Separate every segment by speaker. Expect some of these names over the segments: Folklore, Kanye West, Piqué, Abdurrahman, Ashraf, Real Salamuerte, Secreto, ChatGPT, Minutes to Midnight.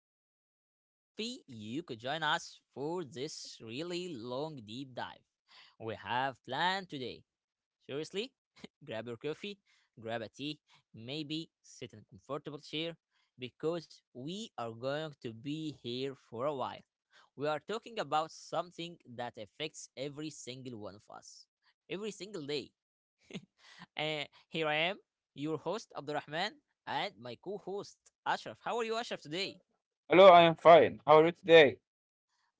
Speaker 1: I'm so happy you could join us for this really long deep dive we have planned today. Seriously, grab your coffee, grab a tea, maybe sit in a comfortable chair because we are going to be here for a while. We are talking about something that affects every single one of us, every single day. And here I am, your host Abdurrahman, and my co-host Ashraf. How are you, Ashraf, today?
Speaker 2: Hello, I am fine. How are you today?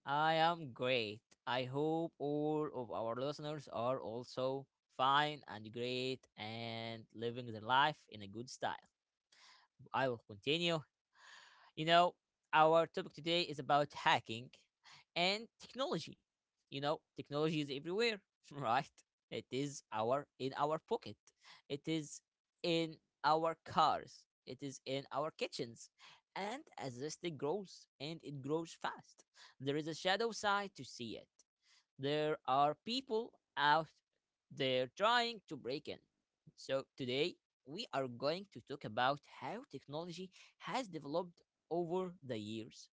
Speaker 1: I am great. I hope all of our listeners are also fine and great and living their life in a good style. I will continue. You know, our topic today is about hacking and technology. You know, technology is everywhere, right? It is our in our pocket. It is in our cars. It is in our kitchens. And as this thing grows and it grows fast, there is a shadow side to see it there are people out there trying to break in. So today we are going to talk about how technology has developed over the years,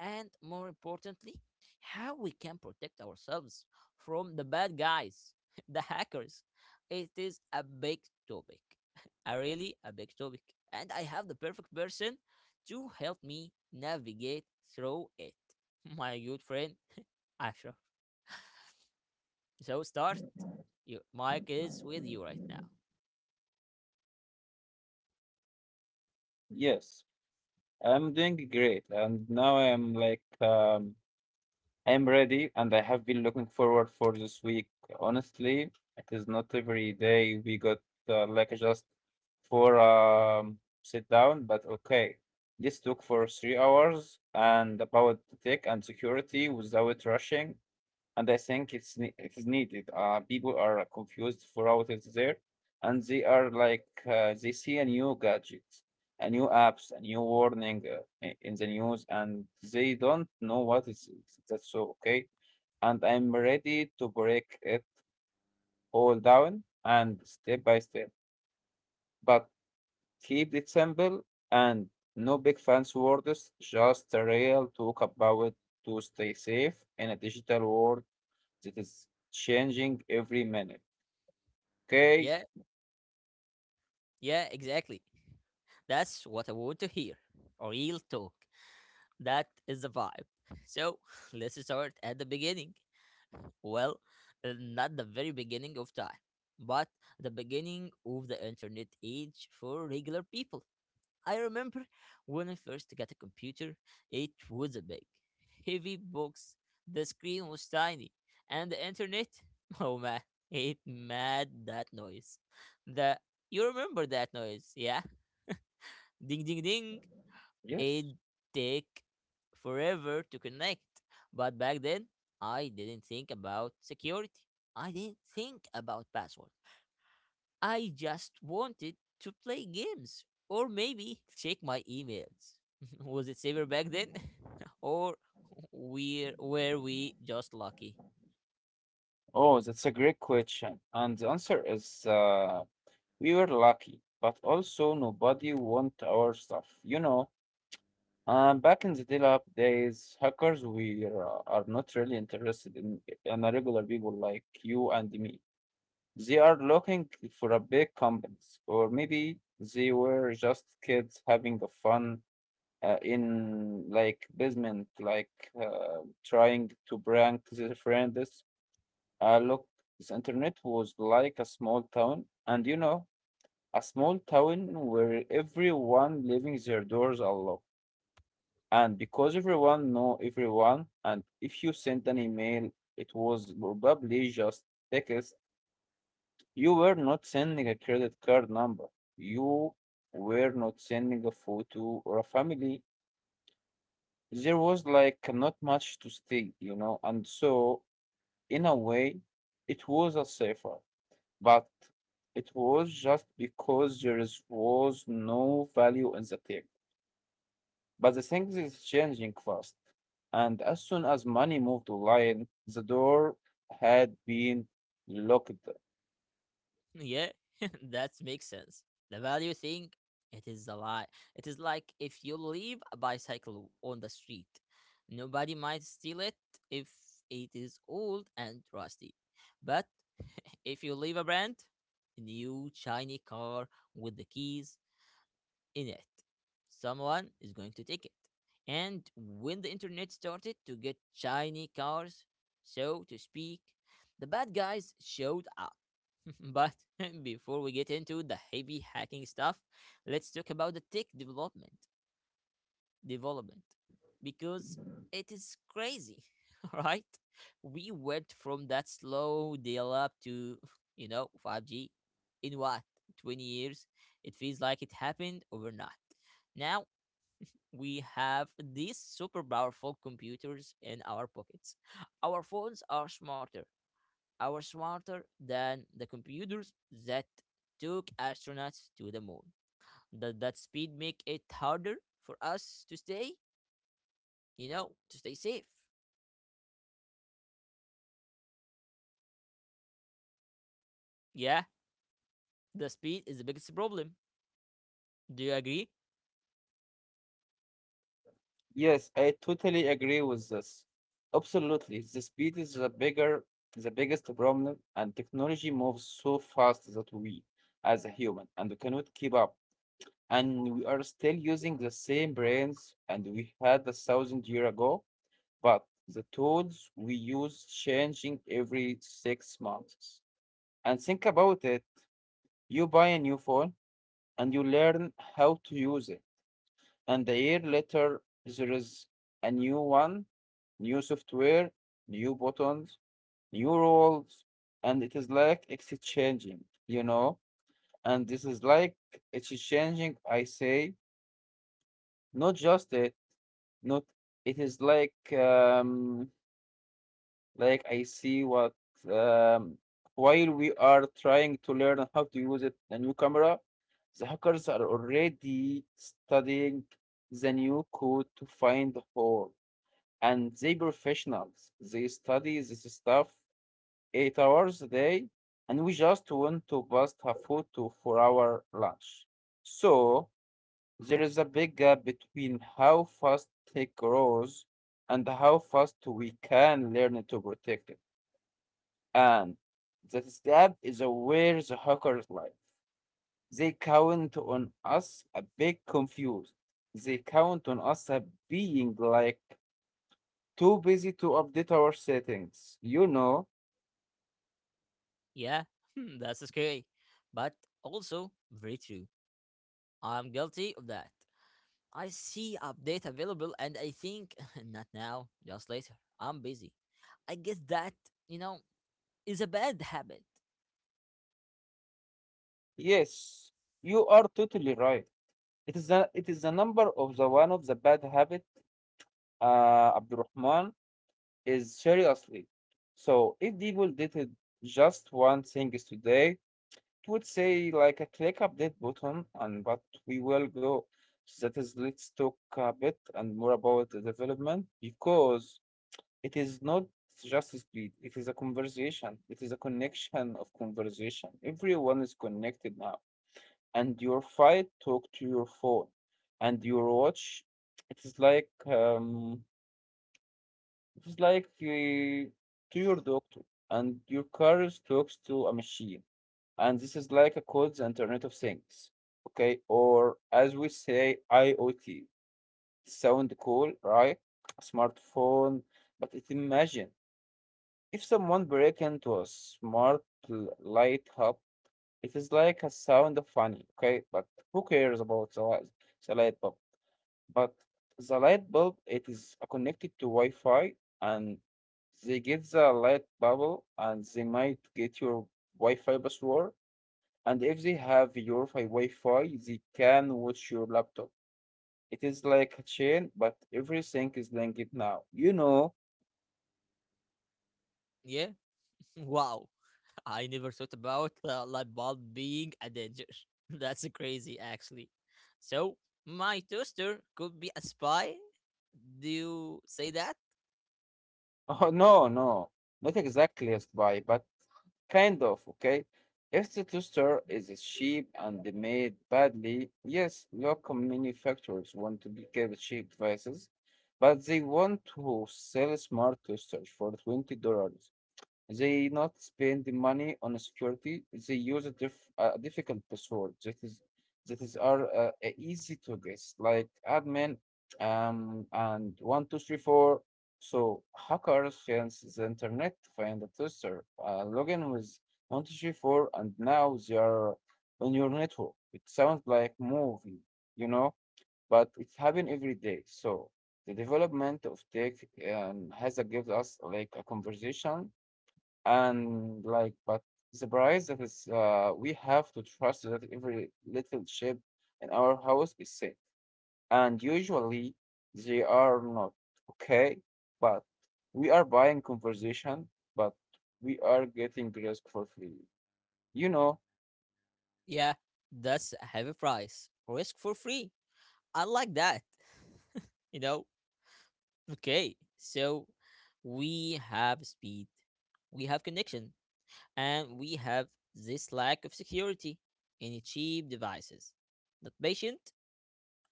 Speaker 1: and more importantly how we can protect ourselves from the bad guys, the hackers. It is a big topic, a really a big topic, and I have the perfect person to help me navigate through it. My good friend, Ashraf. So start. Your mic is with you right now.
Speaker 2: Yes, I'm doing great, and now I am I am ready, and I have been looking forward for this week. Honestly, it is not every day we got like just for sit down, but okay. This took for 3 hours and about tech and security without rushing. And I think it is needed. People are confused for what is there, and they are they see a new gadget, a new apps, a new warning in the news, and they don't know what is it. That's so okay. And I'm ready to break it all down and step by step, but keep it simple and no big fancy words, just a real talk about to stay safe in a digital world it is changing every minute. Okay.
Speaker 1: Yeah, yeah, exactly. That's what I want to hear. Real talk. That is the vibe. So let's start at the beginning. Well, not the very beginning of time, but the beginning of the internet age for regular people. I remember when I first got a computer, it was a big, heavy box. The screen was tiny, and the internet, oh man, it made that noise. The You remember that noise, yeah? Ding ding ding.
Speaker 2: Yes.
Speaker 1: It take forever to connect, but back then I didn't think about security. I didn't think about password. I just wanted to play games or maybe check my emails. Was it safer back then? Or we just lucky?
Speaker 2: Oh, that's a great question. And the answer is we were lucky, but also nobody want our stuff. You know, back in the dial-up days, hackers we are not really interested in a regular people like you and me. They are looking for a big companies, or maybe they were just kids having a fun in like basement, trying to prank their friends. Look, this internet was like a small town, and you know, a small town where everyone leaving their doors unlocked. And because everyone know everyone, and if you sent an email, it was probably just text. You were not sending a credit card number. You were not sending a photo or a family there was like not much to steal, you know, and so in a way, it was a safer, but it was just because was no value in the tech. But the things is changing fast, and as soon as money moved online, the door had been locked.
Speaker 1: Yeah, that makes sense. The value thing, it is a lie. It is like if you leave a bicycle on the street, nobody might steal it if it is old and rusty. But if you leave a brand new shiny car with the keys in it. Someone is going to take it. And when the internet started to get shiny cars, so to speak, the bad guys showed up. But before we get into the heavy hacking stuff, let's talk about the tech development. Development. Because it is crazy, right? We went from that slow dial up to, you know, 5G in what? 20 years? It feels like it happened overnight. Now we have these super powerful computers in our pockets. Our phones are smarter than the computers that took astronauts to the moon. Does that speed make it harder for us to stay, you know, to stay safe? Yeah, the speed is the biggest problem. Do you agree?
Speaker 2: Yes, I totally agree with this. Absolutely. The speed is the bigger the biggest problem and technology moves so fast that we as a human and we cannot keep up. And we are still using the same brains and we had a 1,000 year ago, but the tools we use changing every 6 months. And think about it, you buy a new phone and you learn how to use it and a year later there is a new one, new software, new buttons, new rules, and it is like exchanging, you know, and this is like exchanging, I say, not just it, not it is like I see what um while we are trying to learn how to use it a new camera, the hackers are already studying the new code to find the hole and they professionals. They study this stuff 8 hours a day, and we just want to bust a food to for our lunch. So there is a big gap between how fast tech grows and how fast we can learn to protect it. And that gap is where the hackers lie. They count on us a bit confused. They count on us a being like too busy to update our settings. You know,
Speaker 1: Yeah, that's scary, but also very true. I'm guilty of that. I see update available and I think not now, just later. I'm busy. I guess that, you know, is a bad habit.
Speaker 2: yes, you are totally right. It is it is the number of the one of the bad habit, Abdurrahman, is seriously. So if people did it just one thing is today, it would say like a click update button and but we will go. So that is let's talk a bit and more about the development because it is not just speed, it is a conversation. It is a connection of conversation. Everyone is connected now. And your fight talk to your phone and your watch. It is it is to your doctor and your car is talks to a machine. And this is like a codes internet of things. Okay, or as we say IoT. Sound cool, right? Smartphone, but it imagine if someone break into a smart light hub, it is like a sound of funny, okay? But who cares about the light bulb? But the light bulb, it is connected to Wi-Fi, and they get the light bubble, and they might get your Wi-Fi password. And if they have your Wi-Fi, they can watch your laptop. It is like a chain, but everything is linked now. You know?
Speaker 1: Yeah? Wow. I never thought about light bulb being a danger. That's crazy actually. So, my toaster could be a spy? Do you say that?
Speaker 2: Oh no, not exactly as by, but kind of, okay? If the toaster is cheap and they made badly, yes, local manufacturers want to be kept cheap devices, but they want to sell smart toasters for $20. They not spend the money on security. They use a difficult password that is are easy to guess, like admin and 1 2 3 4. So hackers chance the internet to find a tester, log in with 1 2 3 4, and now they are on your network. It sounds like movie, you know, but it's happening every day. So the development of tech has gives us like a conversation and like, but the price that is, we have to trust that every little chip in our house is safe. And usually they are not, okay? But we are buying conversation, but we are getting risk for free. You know,
Speaker 1: Yeah, that's a heavy price. Risk for free. I like that. You know, okay, so we have speed, we have connection, and we have this lack of security in cheap devices that patient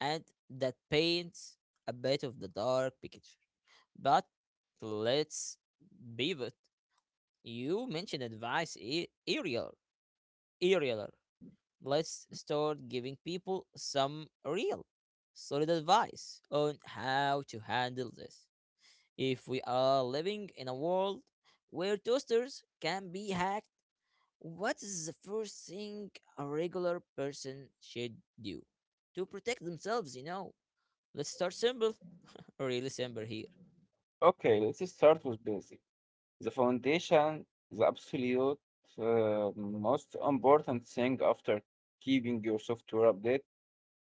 Speaker 1: and that paints a bit of the dark picture. But let's pivot. You mentioned earlier. Earlier. Let's start giving people some real, solid advice on how to handle this. If we are living in a world where toasters can be hacked, what is the first thing a regular person should do to protect themselves? You know, let's start simple, really simple here.
Speaker 2: okay, let's start with basic. The foundation, the absolute most important thing after keeping your software updated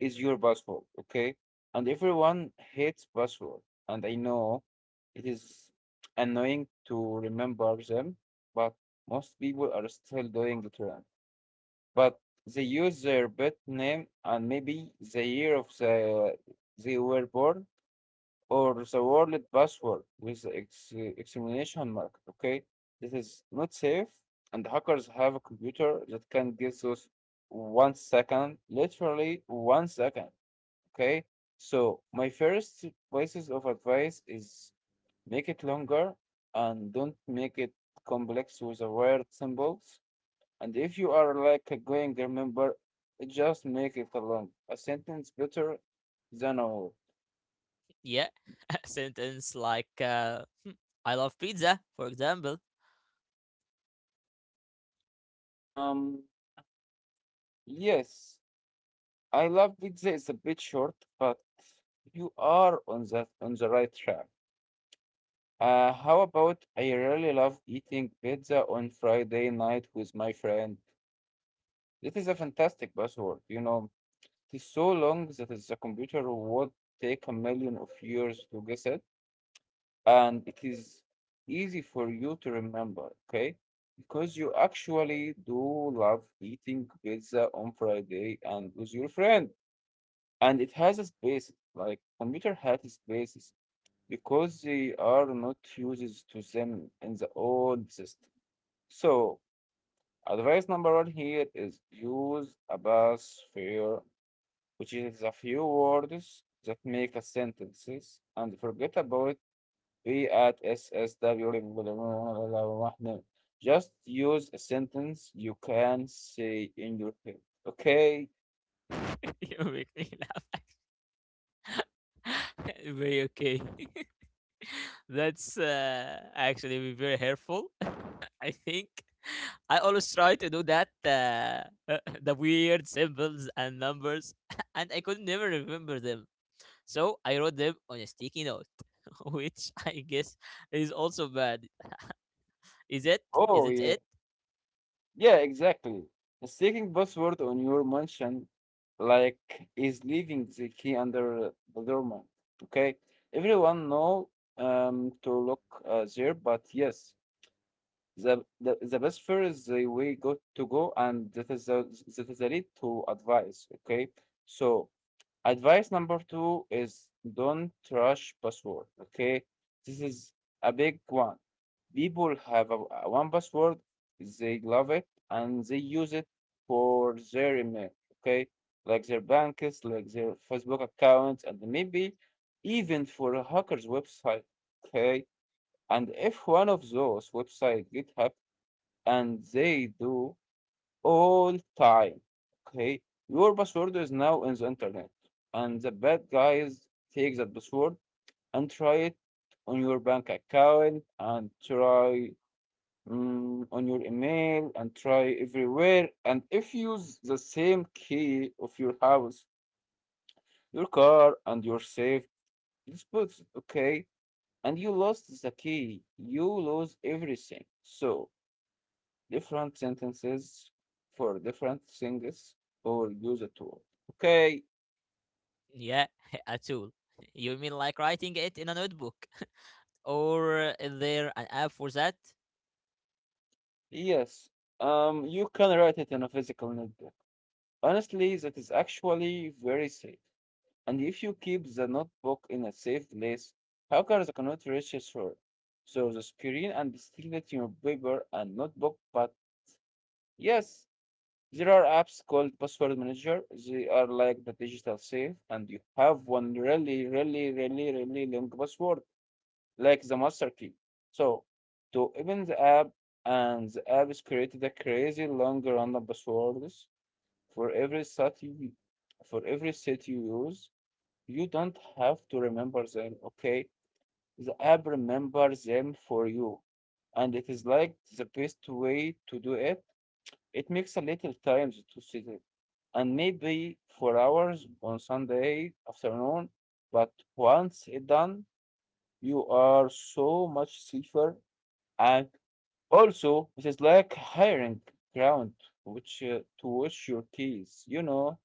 Speaker 2: is your password, okay? And everyone hates password, and I know it is annoying to remember them, but most people are still doing it wrong. But they use their birth name and maybe the year of the they were born or the word password with the exclamation mark, okay? This is not safe, and hackers have a computer that can get those 1 second, literally 1 second. Okay. So my first pieces of advice is make it longer and don't make it complex with the weird symbols. And if you are like a going remember, just make it a long a sentence better than a whole.
Speaker 1: Yeah, a sentence like "Hmm, I love pizza," for example.
Speaker 2: Um. Yes, I love pizza. It's a bit short, but you are on the right track. How about I really love eating pizza on Friday night with my friend. That is a fantastic buzzword. You know, it is so long the computer would take a 1,000,000 of years to guess it, and it is easy for you to remember, okay? Because you actually do love eating pizza on Friday and with your friend, and it has a space, like computer has spaces because they are not uses to them in the old system. So, advice number one here is use a bus fare which is the few words that make a sentence and forget about we at SSW. Just use a sentence you can say in your head. Okay?
Speaker 1: You make me laugh. Very okay. That's actually very helpful. I think I always try to do that. The weird symbols and numbers, and I could never remember them. So I wrote them on a sticky note, which I guess is also bad. Is it?
Speaker 2: Oh,
Speaker 1: Isn't
Speaker 2: yeah.
Speaker 1: it?
Speaker 2: Yeah, exactly. Mistaking password on your mansion like is leaving the key under the doormat. Okay? Everyone know to look there, but yes, the best fare is the way go to go, and that is the lead to advice. Okay, so advice number two is don't rush password. Okay, this is a big one. People have a one password, they love it and they use it for their email. Okay, like their banks, like their Facebook accounts, and maybe even for a hacker's website. Okay, and if one of those websites get hacked and they do all time. Okay, your password is now in the internet, and the bad guys take that password and try it on your bank account and try on your email and try everywhere. And if you use the same key of your house, your car, and your safe deposits, okay, and you lost the key, you lose everything. So different sentences for different things or use a tool. Okay,
Speaker 1: Yeah, a tool. You mean like writing it in a notebook? Or is there an app for that?
Speaker 2: yes. You can write it in a physical notebook. Honestly, that is actually very safe. And if you keep the notebook in a safe place, hackers cannot reach it through. So the screen and still let your paper and notebook. But yes, there are apps called password manager. They are like the digital safe, and you have one really, really, really, really long password like the master key. So to open the app, and the app is created a crazy long random passwords for every site you for every set you use. You don't have to remember them, okay? The app remembers them for you. And it is like the best way to do it. It makes a little time to sit it. And maybe for hours on Sunday afternoon, but once it's done, you are so much safer, and also it is like hiring ground which to wash your keys.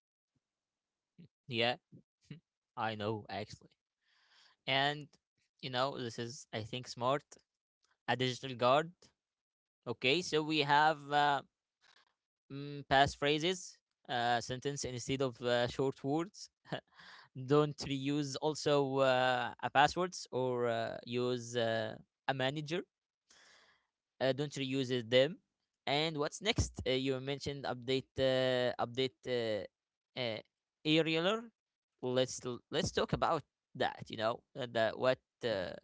Speaker 1: Yeah, I know actually. And you know, this is I think smart, a digital guard. Okay, so we have passphrases, sentence instead of short words, don't reuse also a passwords, or use a manager, don't reuse it them. And what's next? You mentioned update, aerialer. Let's talk about that. You know, that what uh,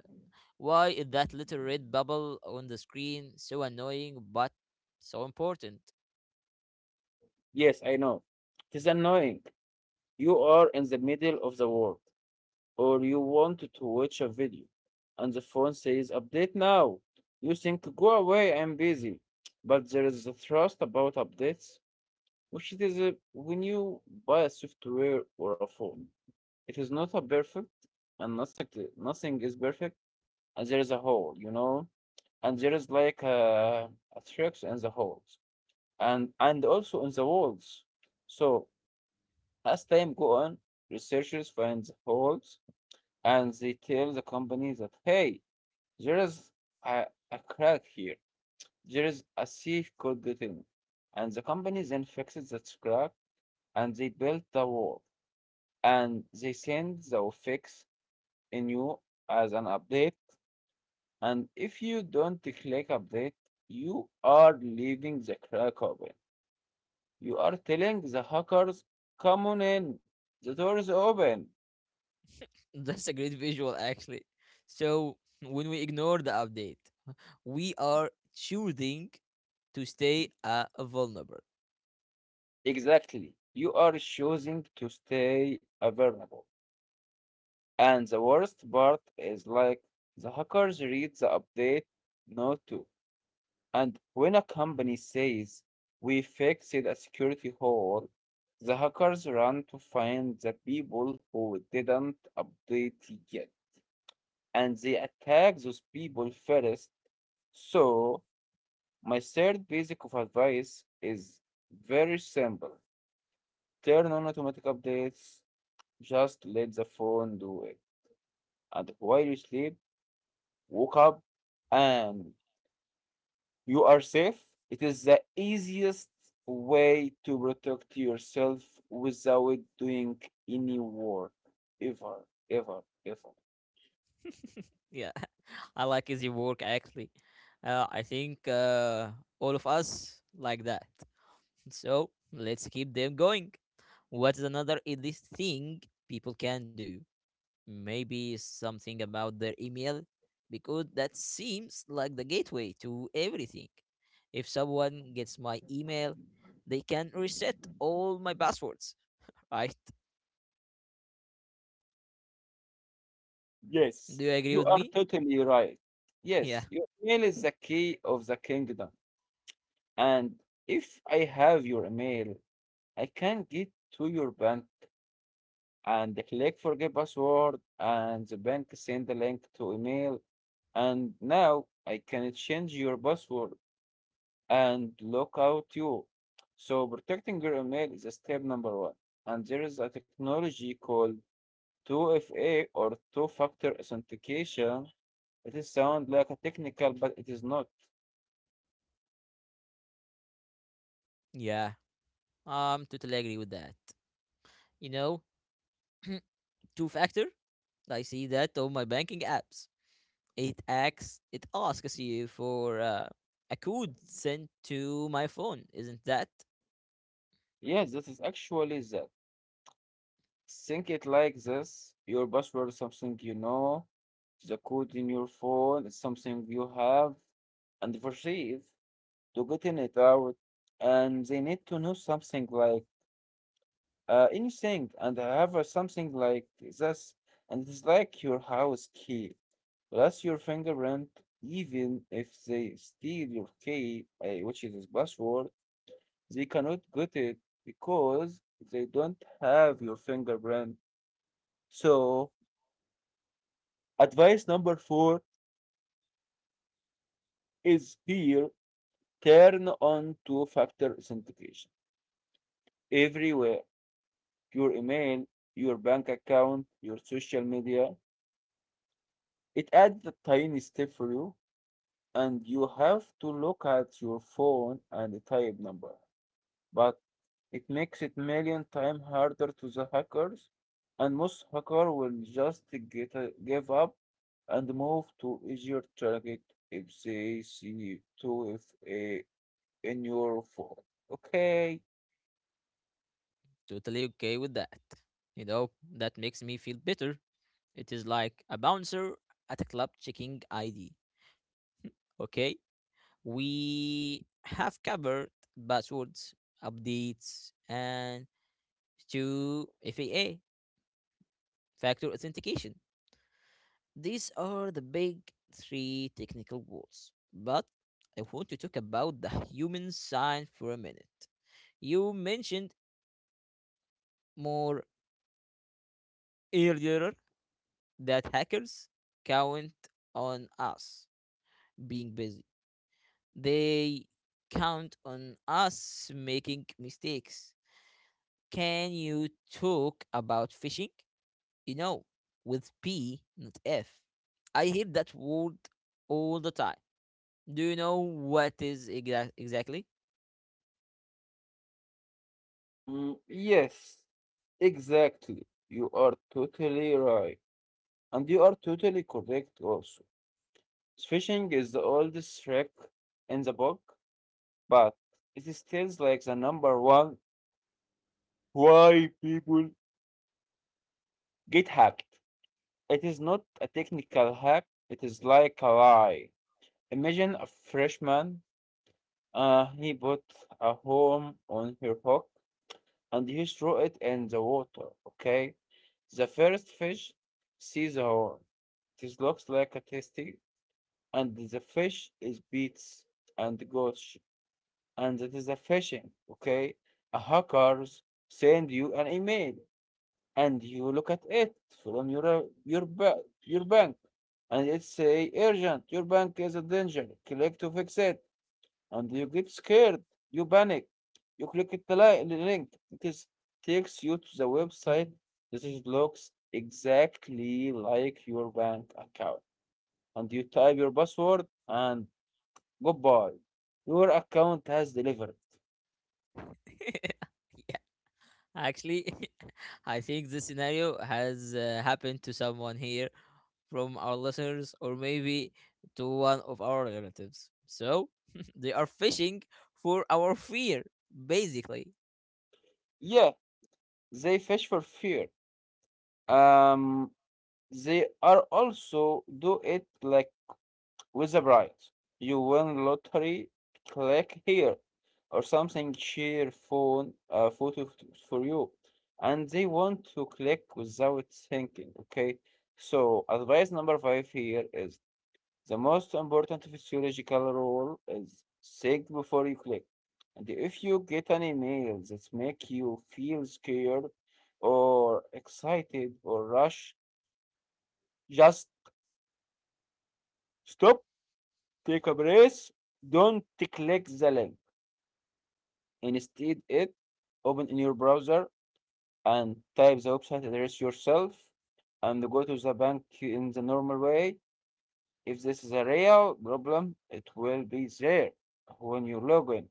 Speaker 1: why is that little red bubble on the screen so annoying but so important?
Speaker 2: Yes, I know. It is annoying. You are in the middle of the work, or you want to watch a video, and the phone says update now. You think go away, I'm busy. But there is a trust about updates, which it is when you buy a software or a phone, it is not a perfect. And nothing nothing is perfect. And there is a hole. And there is like a tricks in the holes, and also in the walls. So as time go on, researchers find the holes and they tell the company that hey, there is a, a crack here. There is a thief could get in, and the company then fixes that crack and they build the wall and they send the fix in you as an update. And if you don't click update, you are leaving the crack open. You are telling the hackers, come on in, the door is open.
Speaker 1: That's a great visual, actually. So, when we ignore the update, we are choosing to stay vulnerable.
Speaker 2: Exactly. You are choosing to stay vulnerable. And the worst part is like the hackers read the update note too. And when a company says we fixed a security hole, the hackers run to find the people who didn't update yet. And they attack those people first, so my third basic of advice is very simple. Turn on automatic updates. Just let the phone do it. And while you sleep, wake up and you are safe. It is the easiest way to protect yourself without doing any work ever, ever, ever.
Speaker 1: Yeah, I like his work, actually. I think all of us like that. So, let's keep them going. What is another elite thing people can do? Maybe something about their email, because that seems like the gateway to everything. If someone gets my email, they can reset all my passwords, right?
Speaker 2: Yes,
Speaker 1: Do you agree
Speaker 2: you
Speaker 1: with
Speaker 2: are
Speaker 1: me?
Speaker 2: totally right.
Speaker 1: Yeah,
Speaker 2: Yes, your email is the key of the kingdom. And if I have your email, I can get to your bank and click forget password, and the bank send the link to email, and now I can change your password and lock out you. So protecting your email is a step number one. And there is a technology called 2FA or two-factor authentication. It is sound like a technical, but it is not.
Speaker 1: yeah, I'm totally agree with that. You know, two factor, I see that on my banking apps. It asks you for a code sent to my phone, isn't that?
Speaker 2: Yes, this is actually that. Think it like this. Your password is something you know. The code in your phone is something you have and retrieve to getting it out. And they need to know something like anything and have something like this. And it's like your house key plus your fingerprint. Even if they steal your key, which is his password, they cannot get it because they don't have your fingerprint. So advice number four is here, turn on two factor authentication everywhere: your email, your bank account, your social media. It adds a tiny step for you, and you have to look at your phone and the type number. But it makes it million times harder to the hackers, and most hacker will just give up and move to easier target if they see 2FA in your phone. Okay.
Speaker 1: Totally okay with that. You know, that makes me feel better. It is like a bouncer at a club checking ID. Okay? We have covered passwords, updates, and to FAA, factor authentication. These are the big three technical walls. But I want to talk about the human side for a minute. You mentioned more earlier that hackers count on us being busy. They count on us making mistakes. Can you talk about phishing? You know, with P, not F. I hear that word all the time. Do you know what is exactly?
Speaker 2: Mm, yes, exactly. You are totally right. And you are totally correct also. Fishing is the oldest trick in the book, but it is still like the number one why people get hacked. It is not a technical hack, it is like a lie. Imagine a freshman, he bought a home on her hook and he threw it in the water. Okay, the first fish sees the horn. This looks like a tasty, and the fish is beats and gosh, and it is a fishing. Okay, a hackers send you an email, and you look at it from your bank, and it say urgent. Your bank is in danger. Click to fix it, and you get scared, you panic, you click the the link. It is, takes you to the website that it looks exactly like your bank account, and you type your password and goodbye, your account has delivered.
Speaker 1: Actually, I think this scenario has happened to someone here from our listeners or maybe to one of our relatives. So they are fishing for our fear, basically.
Speaker 2: Yeah, they fish for fear. Um, they are also do it like with the prize. You win lottery, click here, or something share phone photo for you. And they want to click without thinking, okay? So advice number five here is the most important physiological rule is think before you click. And if you get an email that make you feel scared or excited or rush, just stop, take a breath, don't click the link. Instead, it open in your browser and type the website address yourself and go to the bank in the normal way. If this is a real problem, it will be there when you log in.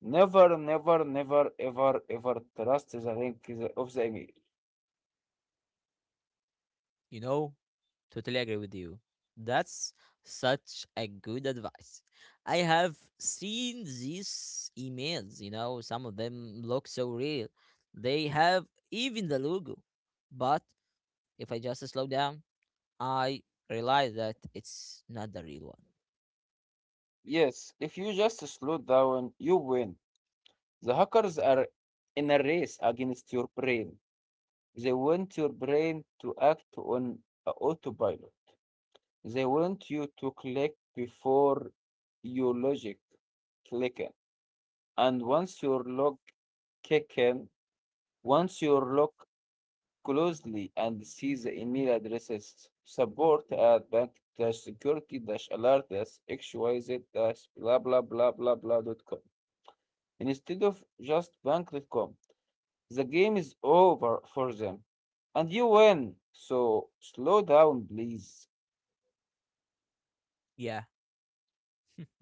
Speaker 2: Never, never, never, ever, ever trust the link of the email.
Speaker 1: You know, totally agree with you. That's such a good advice. I have seen these emails, you know, some of them look so real. They have even the logo. But if I just slow down, I realize that it's not the real one.
Speaker 2: Yes, if you just slow down, you win. The hackers are in a race against your brain. They want your brain to act on autopilot. They want you to click before you logic click in. And once your log kick in, once your log closely and see the email addresses support@bank-security-alert-xyz-blahblahblahblahblah.com instead of just bank.com. The game is over for them and you win. So slow down, please.
Speaker 1: Yeah,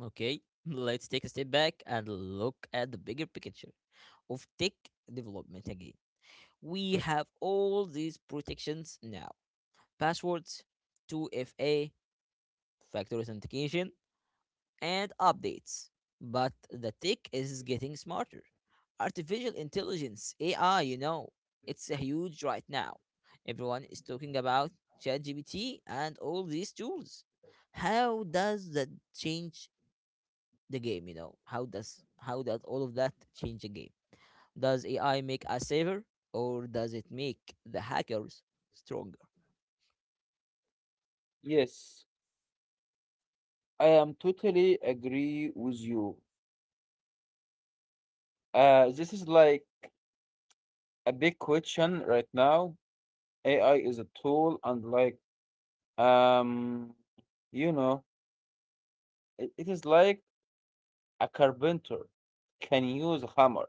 Speaker 1: okay. Let's take a step back and look at the bigger picture of tech development again. We have all these protections now passwords, 2FA, factor authentication, and updates. But the tech is getting smarter. Artificial intelligence, AI, you know, it's a huge right now. Everyone is talking about ChatGPT and all these tools. How does that change the game, you know? How does all of that change the game? Does AI make us safer, or does it make the hackers stronger?
Speaker 2: Yes, I am totally agree with you. This is like a big question right now. AI is a tool, and like, um, you know, it is like a carpenter can use a hammer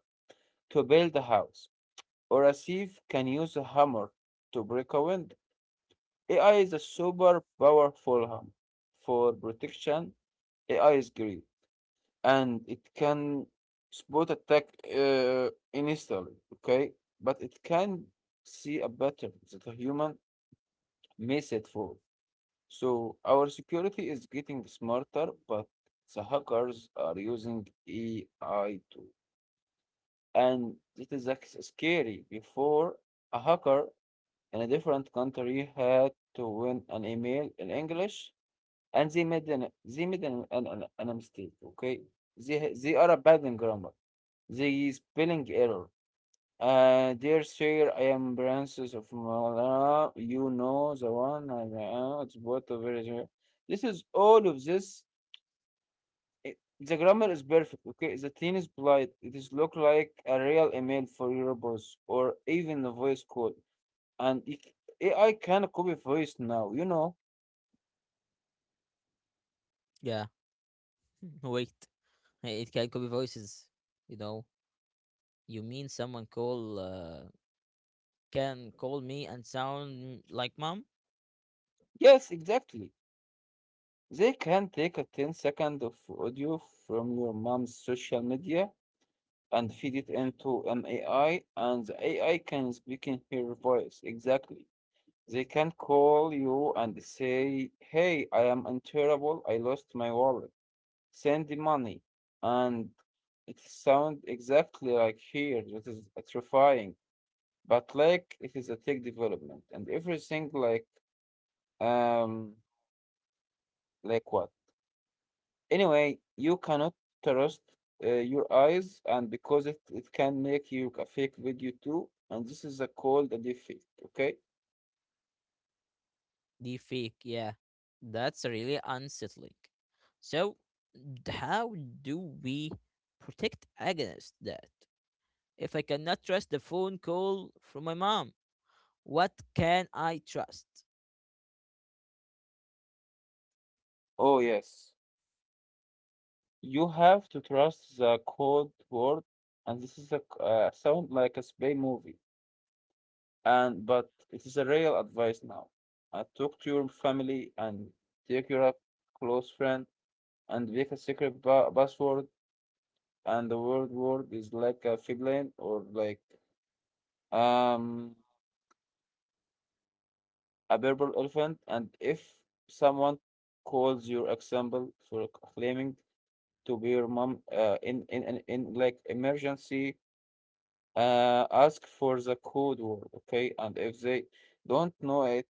Speaker 2: to build a house, or a thief can use a hammer to break a window. AI is a super powerful hammer for protection. AI is great, and it can spot attack instantly, okay? But it can see a better than a human Mace at four. So our security is getting smarter, but the hackers are using AI too. And it is like scary. Before, a hacker in a different country had to win an email in English, and they made an mistake. Okay, they are a bad in grammar. They spelling error. Dear sir, I am Princess of Mala. You know the one. I know it's what over here. This is all of this. It, the grammar is perfect. Okay, the teen is polite. It is look like a real email for your boss or even a voice call. And it, AI can copy voice now. You know.
Speaker 1: Yeah. Wait. It can copy voices, you know. You mean someone call can call me and sound like mom,
Speaker 2: Yes, exactly. They can take a ten-second of audio from your mom's social media and feed it into an AI, and the AI can speak in her voice. Exactly. They can call you and say, hey, I am in trouble. I lost my wallet. Send the money. And it sounds exactly like here. That is terrifying. But like it is a tech development and everything um like what? Anyway, you cannot trust your eyes, and because it can make you a fake video too, and this is a called a deepfake, okay?
Speaker 1: the fake, yeah. That's really unsettling. So, how do we protect against that? If I cannot trust the phone call from my mom, what can I trust?
Speaker 2: Oh yes, you have to trust the code word, and this is a sound like a spy movie, and but it is a real advice now. Talk to your family and take your close friend and make a secret password, and the word is like a feeling or like. Um, a purple elephant, and if someone calls your example for claiming to be your mom in like emergency, ask for the code word, okay? And if they don't know it,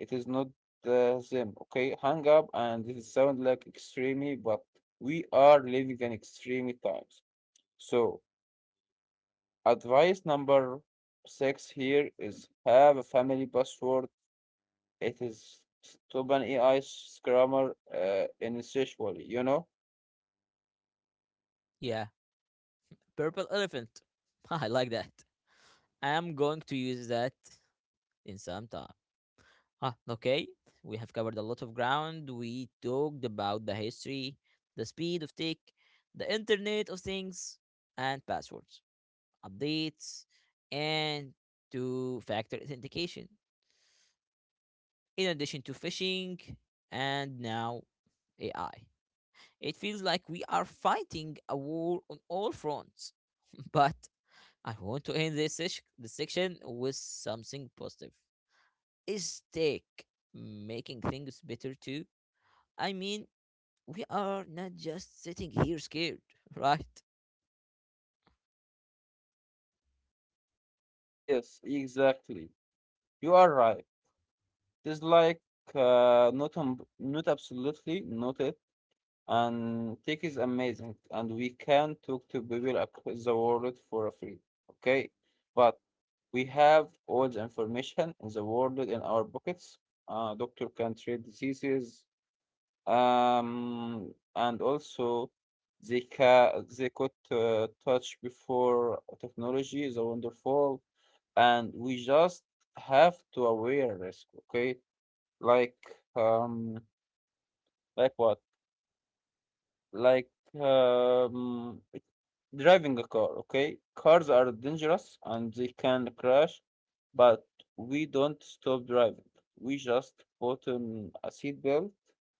Speaker 2: it is not them, okay? Hang up, and this sound like extremely, but we are living in extreme times. So advice number six here is have a family password. It is stop an AI scrammer initially, you know?
Speaker 1: Yeah, purple elephant. I like that. I am going to use that in some time. Ah, okay. We have covered a lot of ground. We talked about the history, the speed of tech, the Internet of Things, and passwords, updates, and two factor authentication, in addition to phishing and now AI. It feels like we are fighting a war on all fronts, but I want to end this section with something positive. Is tech making things better too? I mean, we are not just sitting here scared, right?
Speaker 2: Yes, exactly. You are right. It's like not absolutely not it. And tech is amazing, and we can talk to people across the world for free. Okay, but we have all the information in the world in our pockets. Doctor can treat diseases. And also they could touch before technology is wonderful, and we just have to aware risk, okay? Like um, like what? Like um, driving a car, okay? Cars are dangerous and they can crash, but we don't stop driving. We just put on a seatbelt,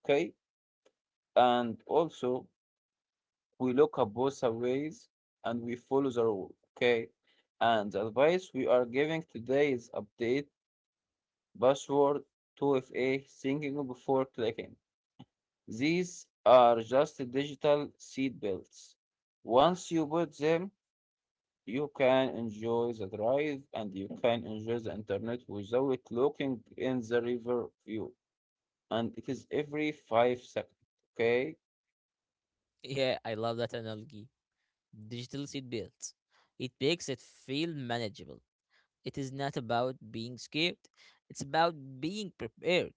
Speaker 2: okay? And also we look at both ways and we follow the rule, okay? And the advice we are giving today is update password 2FA thinking before clicking. These are just digital seat belts. Once you put them, you can enjoy the drive and you can enjoy the internet without looking in the river view. And it is every 5 seconds, okay?
Speaker 1: Yeah, I love that analogy. Digital seatbelts. It makes it feel manageable. It is not about being scared, it's about being prepared.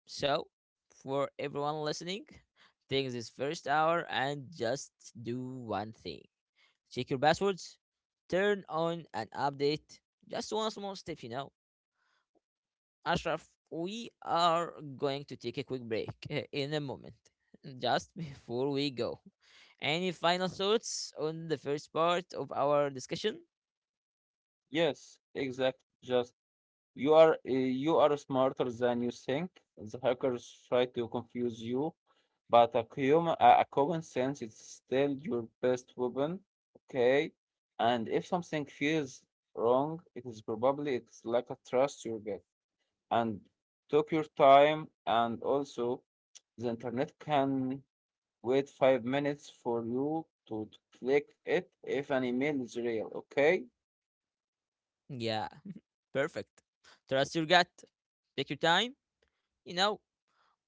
Speaker 1: So, for everyone listening, take this first hour and just do one thing check your passwords, turn on an update. Just one small step, you know. Ashraf, we are going to take a quick break in a moment. Just before we go, any final thoughts on the first part of our discussion?
Speaker 2: Yes, exactly. Just you are you are smarter than you think. The hackers try to confuse you, but a common sense is still your best weapon. Okay, and if something feels wrong, it is probably it's like a trust you get. And took your time, and also the internet can wait 5 minutes for you to click it if an email is real. Okay.
Speaker 1: Yeah, perfect. Trust your gut. Take your time. You know,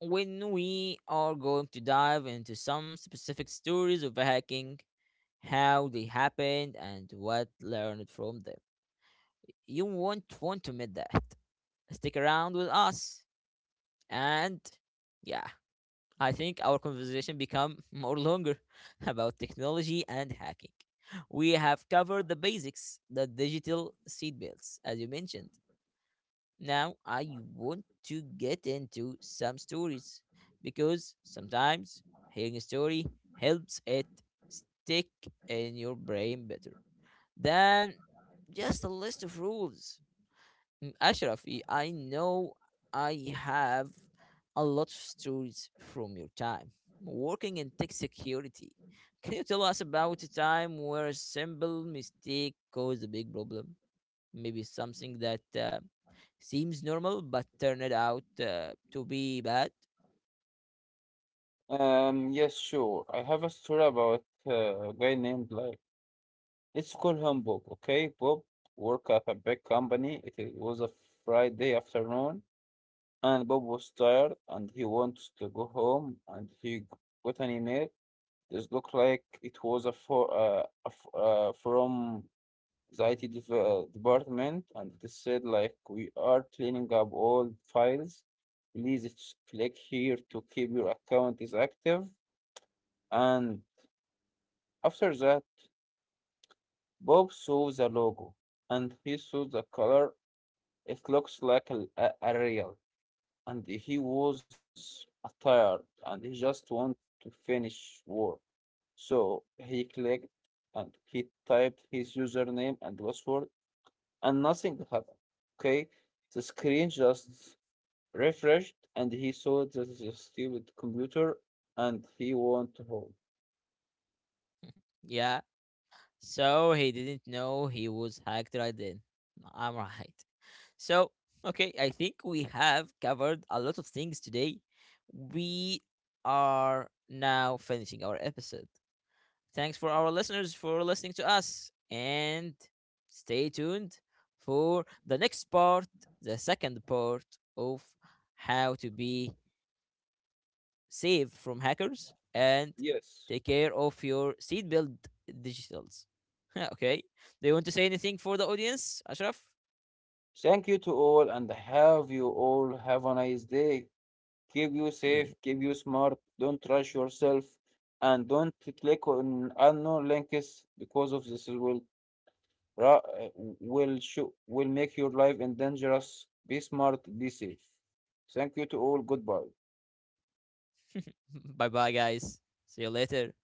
Speaker 1: when we are going to dive into some specific stories of hacking, how they happened, and what learned from them, you won't want to miss that. Stick around with us. And yeah, I think our conversation become more longer about technology and hacking. We have covered the basics, the digital seatbelts, as you mentioned. Now I want to get into some stories because sometimes hearing a story helps it stick in your brain better than just a list of rules. Mm, Ashrafi, I know I have a lot of stories from your time working in tech security. Can you tell us about a time where a simple mistake caused a big problem? Maybe something that seems normal but turned out to be bad?
Speaker 2: Yes, sure. I have a story about a guy named like let's call him Bob. Okay, Bob worked at a big company. It was a Friday afternoon, and Bob was tired, and he wants to go home. And he got an email. This looked like it was a for a f from the IT dev department, and it said like we are cleaning up all files. Please click here to keep your account is active and after that, Bob saw the logo and he saw the color. It looks like a real, and he was tired and he just wanted to finish work. So he clicked and he typed his username and password, and nothing happened. Okay, the screen just refreshed, and he saw that the stupid computer, and he went home.
Speaker 1: Yeah, so he didn't know he was hacked right then. I'm right. So, okay, I think we have covered a lot of things today. We are now finishing our episode. Thanks for our listeners for listening to us and stay tuned for the next part, the second part of how to be safe from hackers and
Speaker 2: Yes.
Speaker 1: take care of your seatbelt digitals. Okay. Do you want to say anything for the audience, Ashraf?
Speaker 2: Thank you to all and have you all have a nice day. Keep you safe,
Speaker 1: Yeah.
Speaker 2: keep you smart, don't rush yourself, and don't click on unknown links because of this ra- uh, will show, will make your life in dangerous. Be smart, be safe. Thank you to all. Goodbye.
Speaker 1: Bye bye, guys. See you later.